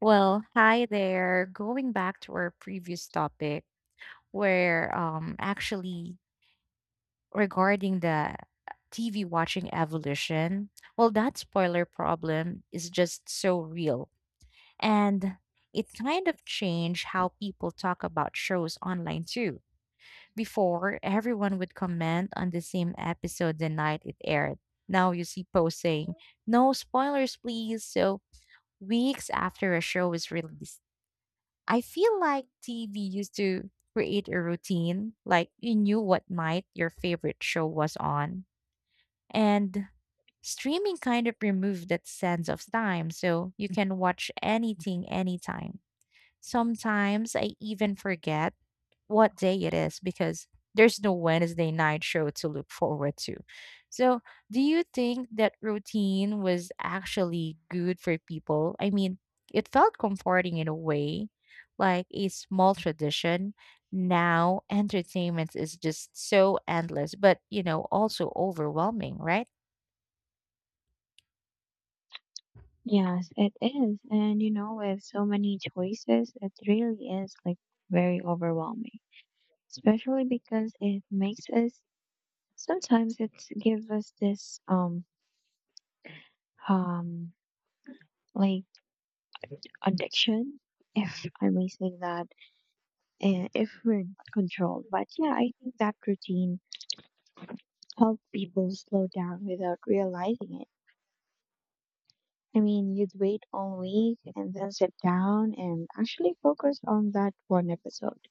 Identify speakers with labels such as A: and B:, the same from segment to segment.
A: Well, hi there. Going back to our previous topic, where actually regarding the TV watching evolution, well, that spoiler problem is just so real. And it kind of changed how people talk about shows online too. Before, everyone would comment on the same episode the night it aired. Now you see posts saying, no spoilers, please. So weeks after a show is released, I feel like TV used to create a routine, like you knew what night your favorite show was on. And streaming kind of removed that sense of time, so you can watch anything anytime. Sometimes I even forget what day it is because there's no Wednesday night show to look forward to. So, do you think that routine was actually good for people? I mean, it felt comforting in a way, like a small tradition. Now, entertainment is just so endless, but also overwhelming, right?
B: Yes, it is. And you know, with so many choices, it really is like very overwhelming, especially because it makes us sometimes it gives us this um like addiction, if I may say that, if we're not controlled. But yeah, I think that routine helped people slow down without realizing it. I mean, you'd wait all week and then sit down and actually focus on that one episode.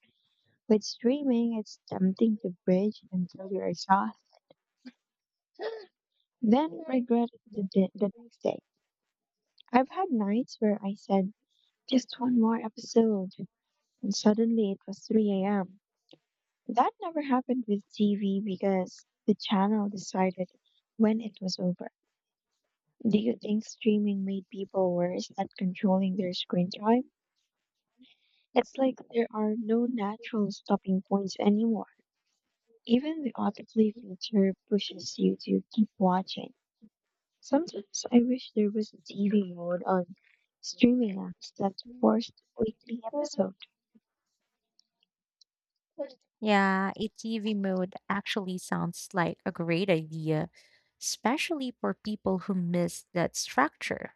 B: With streaming, it's tempting to binge until you're exhausted, then regret it the next day. I've had nights where I said, just one more episode, and suddenly it was 3 a.m. That never happened with TV because the channel decided when it was over. Do you think streaming made people worse at controlling their screen time? It's like there are no natural stopping points anymore. Even the autoplay feature pushes you to keep watching. Sometimes I wish there was a TV mode on streaming apps that forced weekly episode.
A: Yeah, a TV mode actually sounds like a great idea, especially for people who miss that structure.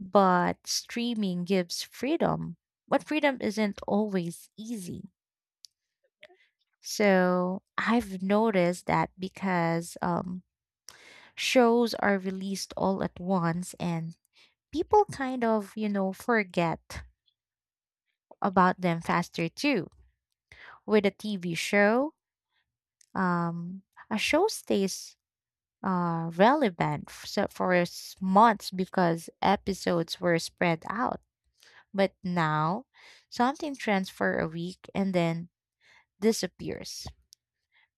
A: But streaming gives freedom, but freedom isn't always easy. So I've noticed that because shows are released all at once and people kind of, forget about them faster too. With a TV show, um, a show stays relevant months because episodes were spread out. But now, something trends for a week and then disappears.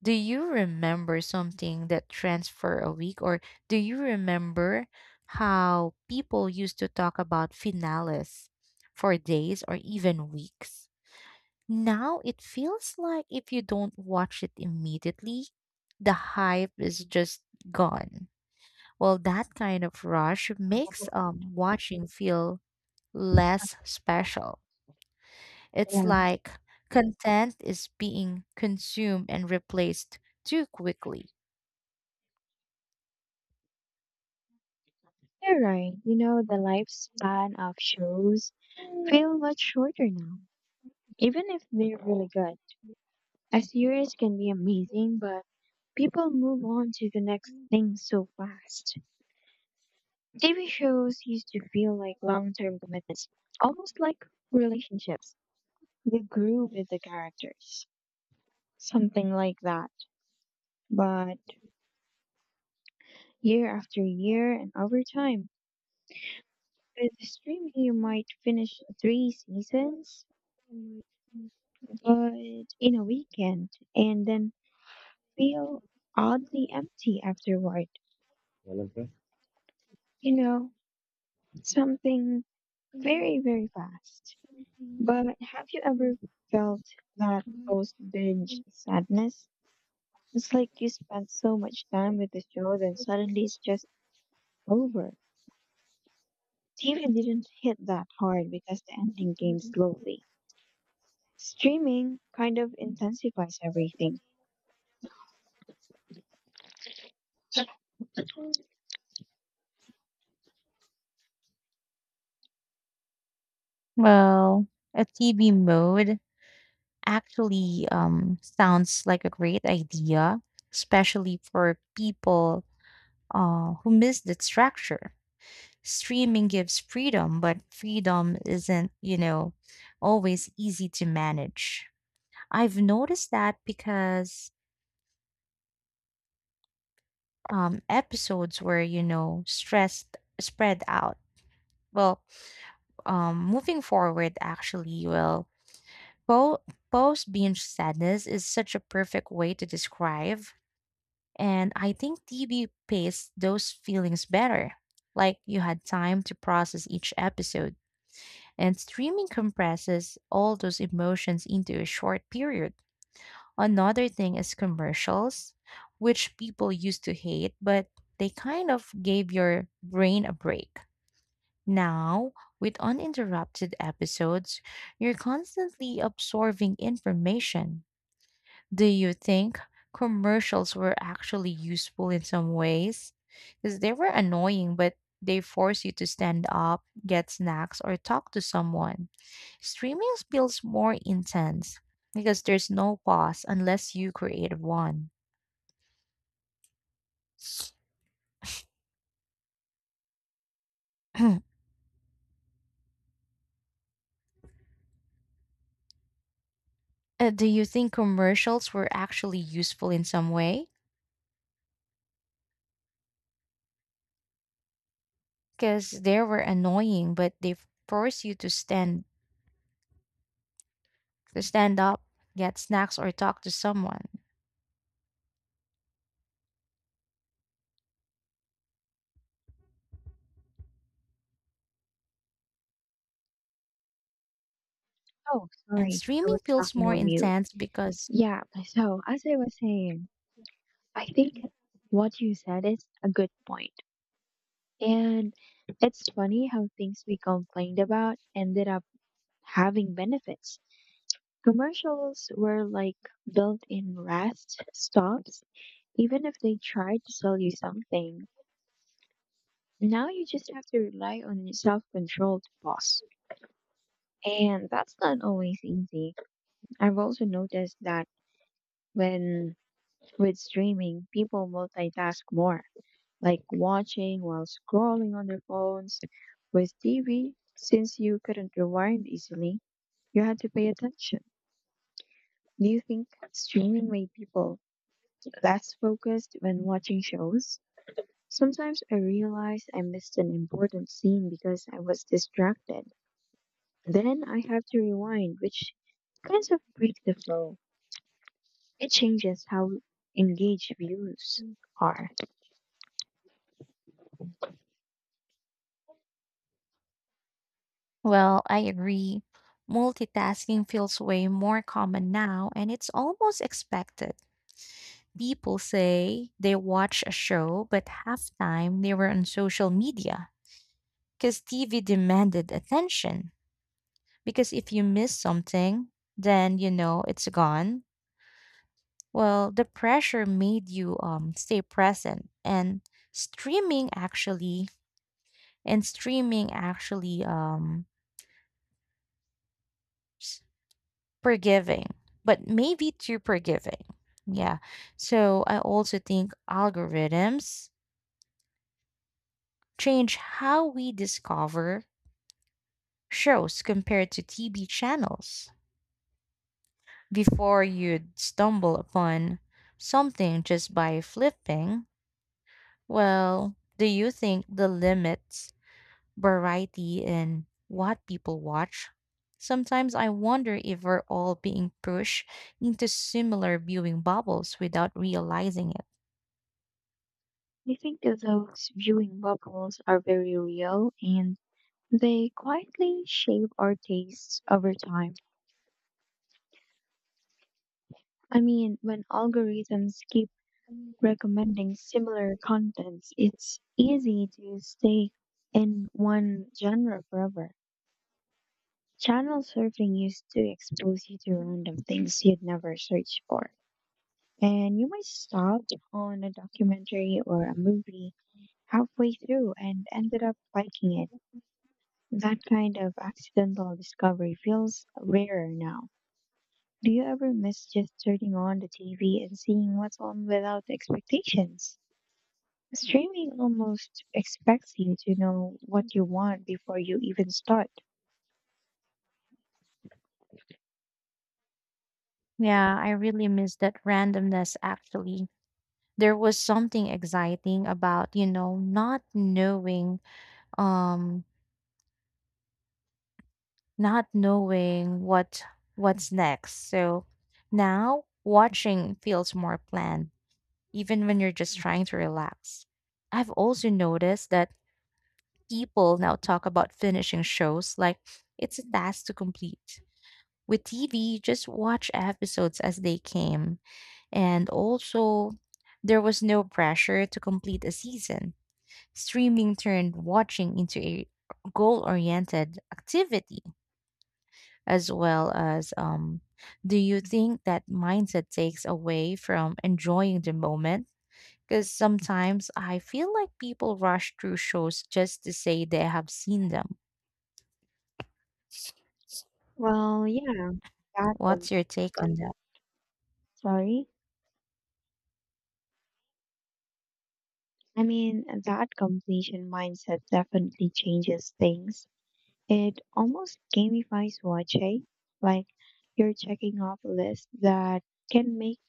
A: Do you remember something that trends for a week, or do you remember how people used to talk about finales for days or even weeks? Now it feels like if you don't watch it immediately, the hype is just gone. Well, that kind of rush makes watching feel less special. It's
B: Yeah.
A: like content is being consumed and replaced too quickly.
B: You're right, you know, the lifespan of shows feel much shorter now, even if they're really good. A series can be amazing, but people move on to the next thing so fast. TV shows used to feel like long term commitments, almost like relationships. You grew with the characters, something like that. But year after year and over time. With streaming, you might finish 3 seasons, but in a weekend, and then feel oddly empty afterward. Well, you know, something very, very fast. But have you ever felt that post binge sadness? It's like you spent so much time with the show, then suddenly it's just over. TV didn't hit that hard because the ending came slowly. Streaming kind of intensifies everything.
A: Well, a TV mode actually sounds like a great idea, especially for people who miss the structure. Streaming gives freedom, but freedom isn't, always easy to manage. I've noticed that because episodes were, stressed, spread out. Well, moving forward, actually, well, po- post binge sadness is such a perfect way to describe. And I think TV paced those feelings better. Like you had time to process each episode, and streaming compresses all those emotions into a short period. Another thing is commercials, which people used to hate, but they kind of gave your brain a break. Now, with uninterrupted episodes, you're constantly absorbing information. Do you think commercials were actually useful in some ways? Because they were annoying, but they force you to stand up, get snacks, or talk to someone. Streaming feels more intense because there's no pause unless you create one. Do you think commercials were actually useful in some way? Because they were annoying, but they force you to stand up, get snacks, or talk to someone.
B: Oh,
A: And
B: sorry. I
A: streaming
B: was
A: feels
B: talking
A: more
B: on mute.
A: intense because,
B: Yeah, so as I was saying, I think what you said is a good point. And it's funny how things we complained about ended up having benefits. Commercials were like built in rest stops, even if they tried to sell you something. Now you just have to rely on your self control to pause. And that's not always easy. I've also noticed that when with streaming, people multitask more, like watching while scrolling on their phones. With TV, since you couldn't rewind easily, you had to pay attention. Do you think streaming made people less focused when watching shows? Sometimes I realize I missed an important scene because I was distracted. Then I have to rewind, which kinds of break the flow. It changes how engaged views are.
A: well, I agree. Multitasking feels way more common now, and it's almost expected. People say they watch a show, but half time they were on social media because TV demanded attention. Because if you miss something, then you know it's gone. Well, the pressure made you stay present, and streaming actually, streaming actually forgiving, but maybe too forgiving. Yeah. So I also think algorithms change how we discover shows compared to TV channels. Before you'd stumble upon something just by flipping, well, do you think the limits variety in what people watch? Sometimes I wonder if we're all being pushed into similar viewing bubbles without realizing it.
B: I think that those viewing bubbles are very real and they quietly shape our tastes over time. I mean, when algorithms keep recommending similar contents, it's easy to stay in one genre forever. Channel surfing used to expose you to random things you'd never search for. And you might stop on a documentary or a movie halfway through and ended up liking it. That kind of accidental discovery feels rarer now. Do you ever miss just turning on the TV and seeing what's on without expectations? Streaming almost expects you to know what you want before you even start.
A: Yeah, I really miss that randomness actually. There was something exciting about, not knowing um not knowing what what's next. So now watching feels more planned, even when you're just trying to relax. I've also noticed that people now talk about finishing shows like it's a task to complete. With TV, just watch episodes as they came. And also, there was no pressure to complete a season. Streaming turned watching into a goal oriented activity as well as do you think that mindset takes away from enjoying the moment? Because sometimes I feel like people rush through shows just to say they have seen them.
B: Well, yeah, that
A: What's
B: com-
A: your take on that?
B: sorry. I mean, that completion mindset definitely changes things. It almost gamifies watching, like you're checking off a list that can make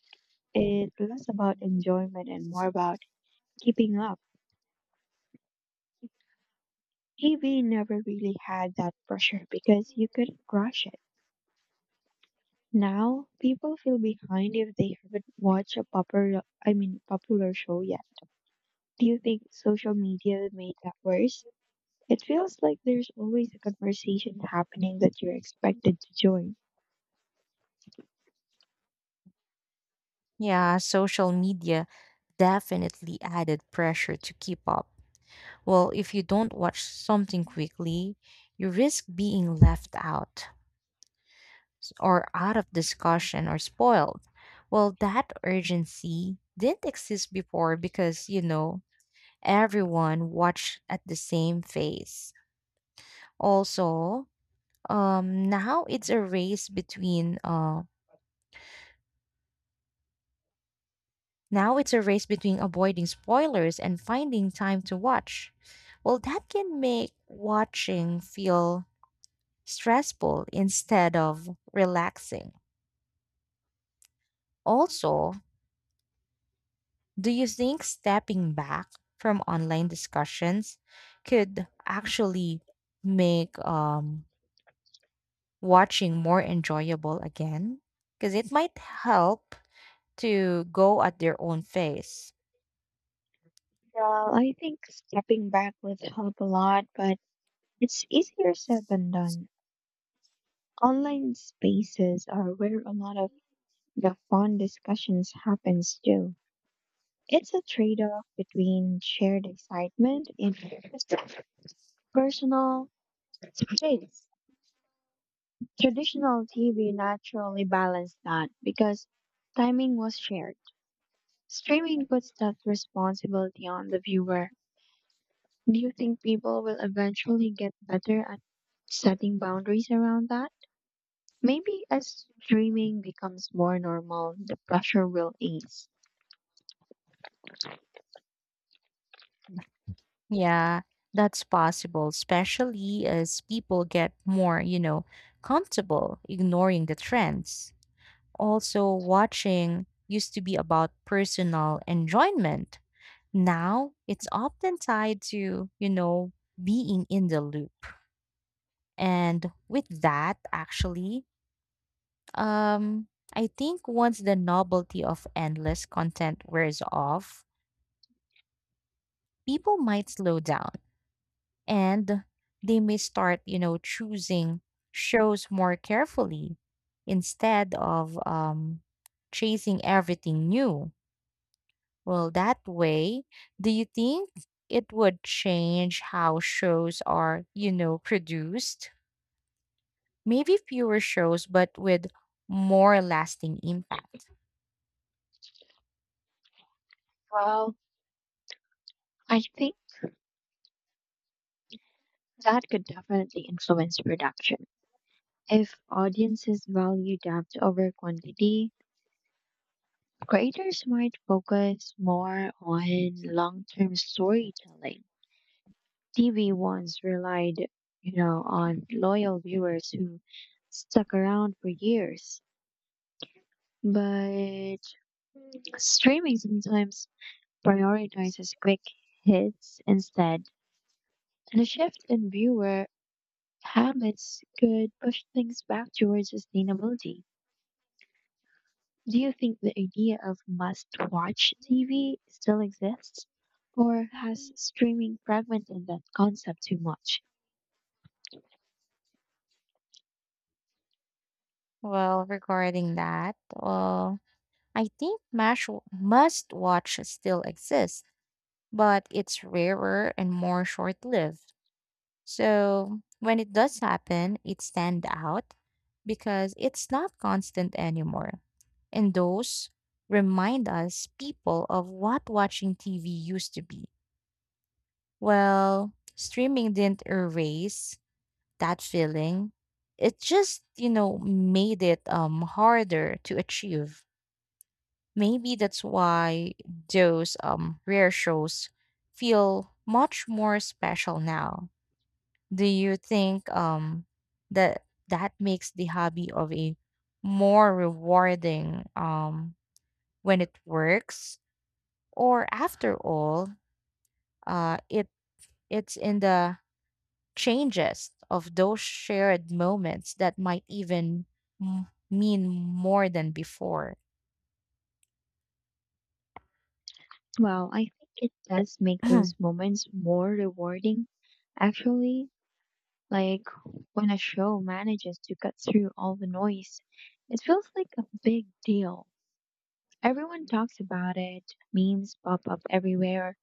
B: it less about enjoyment and more about keeping up. TV never really had that pressure because you couldn't rush it. Now people feel behind if they haven't watched a popular I mean popular show yet. Do you think social media made that worse? It feels like there's always a conversation happening that you're expected to join.
A: Yeah, social media definitely added pressure to keep up. Well, if you don't watch something quickly, you risk being left out of discussion or spoiled. Well, that urgency didn't exist before because, everyone watched at the same phase. Also, um, now it's a race between uh, now it's a race between avoiding spoilers and finding time to watch. Well, that can make watching feel stressful instead of relaxing. Also, do you think stepping back from online discussions could actually make watching more enjoyable again? Because it might help to go at their own pace.
B: Well, I think stepping back would help a lot, but it's easier said than done. Online spaces are where a lot of the fun discussions happens too. It's a trade-off between shared excitement and personal space. Traditional TV naturally balanced that because timing was shared. Streaming puts that responsibility on the viewer. Do you think people will eventually get better at setting boundaries around that? Maybe as streaming becomes more normal, the pressure will ease.
A: Yeah, that's possible, especially as people get more, comfortable ignoring the trends. Also, watching used to be about personal enjoyment. Now, it's often tied to, being in the loop. And with that, actually, um, I think once the novelty of endless content wears off, people might slow down and they may start, choosing shows more carefully instead of chasing everything new. Well, that way, do you think it would change how shows are, produced? Maybe fewer shows, but with more lasting impact.
B: Well, I think that could definitely influence production. If audiences value depth over quantity, creators might focus more on long term storytelling. TV once relied, you know, on loyal viewers who stuck around for years. But streaming sometimes prioritizes quick hits instead, and a shift in viewer habits could push things back towards sustainability. Do you think the idea of must watch TV still exists, or has streaming fragmented that concept too much?
A: Well, regarding that, I think must watch still exists, but it's rarer and more short lived. So when it does happen, it stand out because it's not constant anymore. And those remind us people of what watching TV used to be. Well, streaming didn't erase that feeling. It just, made it harder to achieve. Maybe that's why those rare shows feel much more special now. Do you think that that makes the hobby of a more rewarding when it works, or after all it it's in the changes of those shared moments that might even mean more than before.
B: Well, I think it does make those moments more rewarding, actually. Like when a show manages to cut through all the noise, it feels like a big deal. Everyone talks about it, memes pop up everywhere,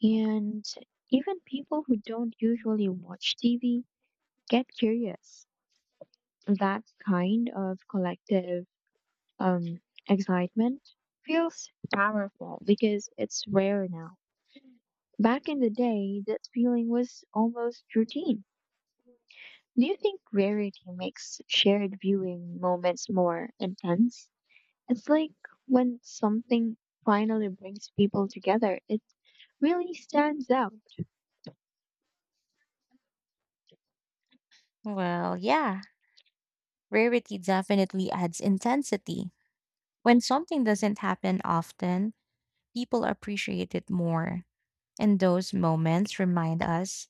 B: and even people who don't usually watch TV get curious. That kind of collective um, excitement feels powerful because it's rare now. Back in the day, that feeling was almost routine. Do you think rarity makes shared viewing moments more intense? It's like when something finally brings people together, it really stands out.
A: Well, yeah, rarity definitely adds intensity. When something doesn't happen often, people appreciate it more. And those moments remind us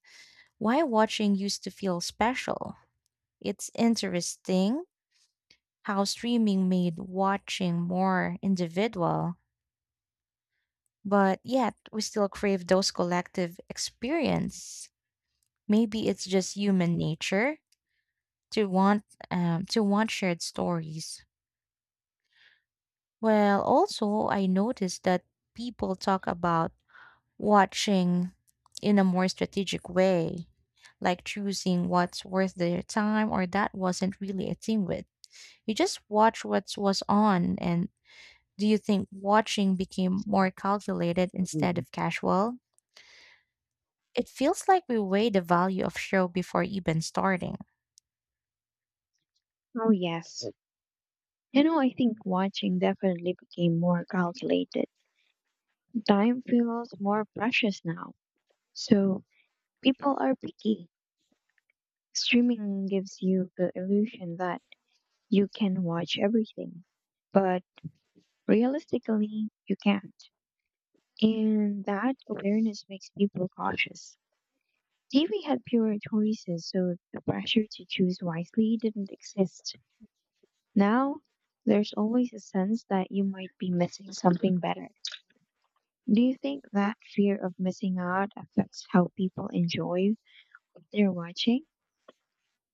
A: why watching used to feel special. It's interesting how streaming made watching more individual, but yet we still crave those collective experience. Maybe it's just human nature to want to want shared stories. Well, also I noticed that people talk about watching in a more strategic way, like choosing what's worth their time or that wasn't really a thing with. You just watch what was on, and do you think watching became more calculated instead
B: Mhm.
A: of casual? It feels like we weigh the value of show before even starting.
B: Oh, yes. You know, I think watching definitely became more calculated. Time feels more precious now. So people are picky. Streaming gives you the illusion that you can watch everything, but realistically, you can't. And that awareness makes people cautious. TV had fewer choices, so the pressure to choose wisely didn't exist. Now, there's always a sense that you might be missing something better. Do you think that fear of missing out affects how people enjoy what they're watching?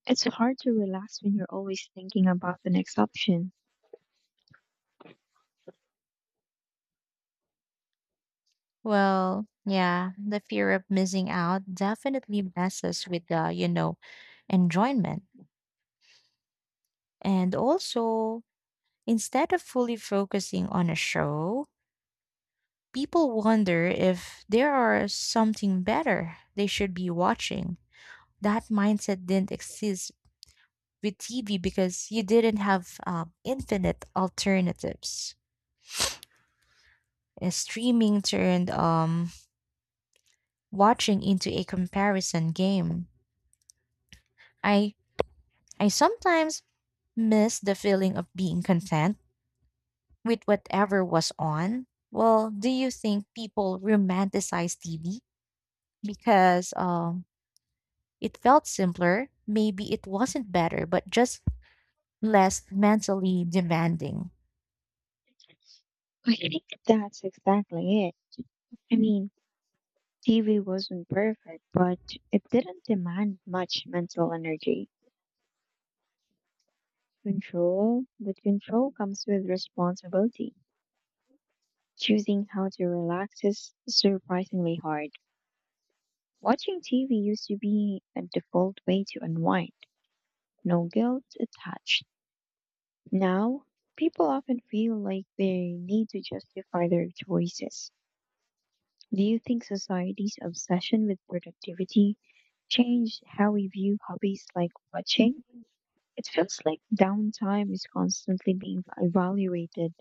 B: It's hard to relax when you're always thinking about the next option.
A: Well, yeah, the fear of missing out definitely messes with the, enjoyment. And also, instead of fully focusing on a show, people wonder if there are something better they should be watching. That mindset didn't exist with TV because you didn't have infinite alternatives. Streaming turned watching into a comparison game. I I sometimes miss the feeling of being content with whatever was on. Well, do you think people romanticize TV because it felt simpler? Maybe it wasn't better, but just less mentally demanding.
B: I think that's exactly it. I mean, TV wasn't perfect, but it didn't demand much mental energy. Control, but control comes with responsibility. Choosing how to relax is surprisingly hard. Watching TV used to be a default way to unwind, no guilt attached. Now, people often feel like they need to justify their choices. Do you think society's obsession with productivity changed how we view hobbies like watching? It feels like downtime is constantly being evaluated.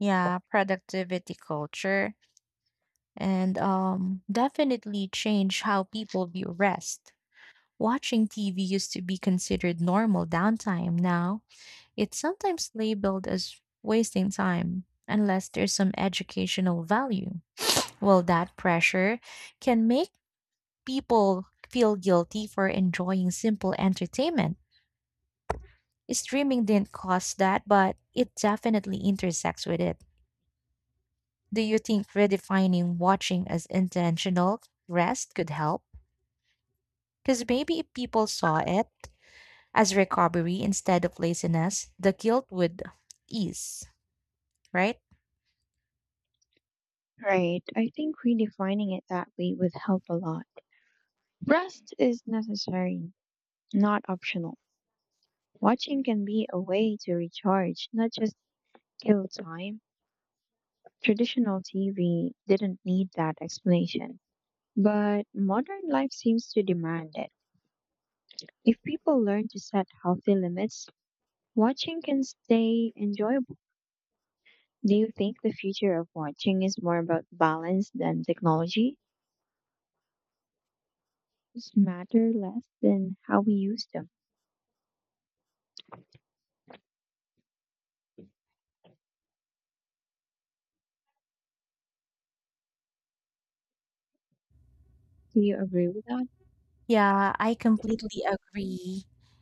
A: Yeah, productivity culture and definitely change how people view rest. Watching TV used to be considered normal downtime. Now, it's sometimes labeled as wasting time unless there's some educational value. Well, that pressure can make people feel guilty for enjoying simple entertainment. Streaming didn't cause that, but it definitely intersects with it. Do you think redefining watching as intentional rest could help? Because maybe if people saw it as recovery instead of laziness, the guilt would ease, right?
B: Right. I think redefining it that way would help a lot. Rest is necessary, not optional. Watching can be a way to recharge, not just kill time. Traditional TV didn't need that explanation, but modern life seems to demand it. If people learn to set healthy limits, watching can stay enjoyable. Do you think the future of watching is more about balance than technology? Just matter less than how we use them. Do you agree with that?
A: Yeah, I completely agree.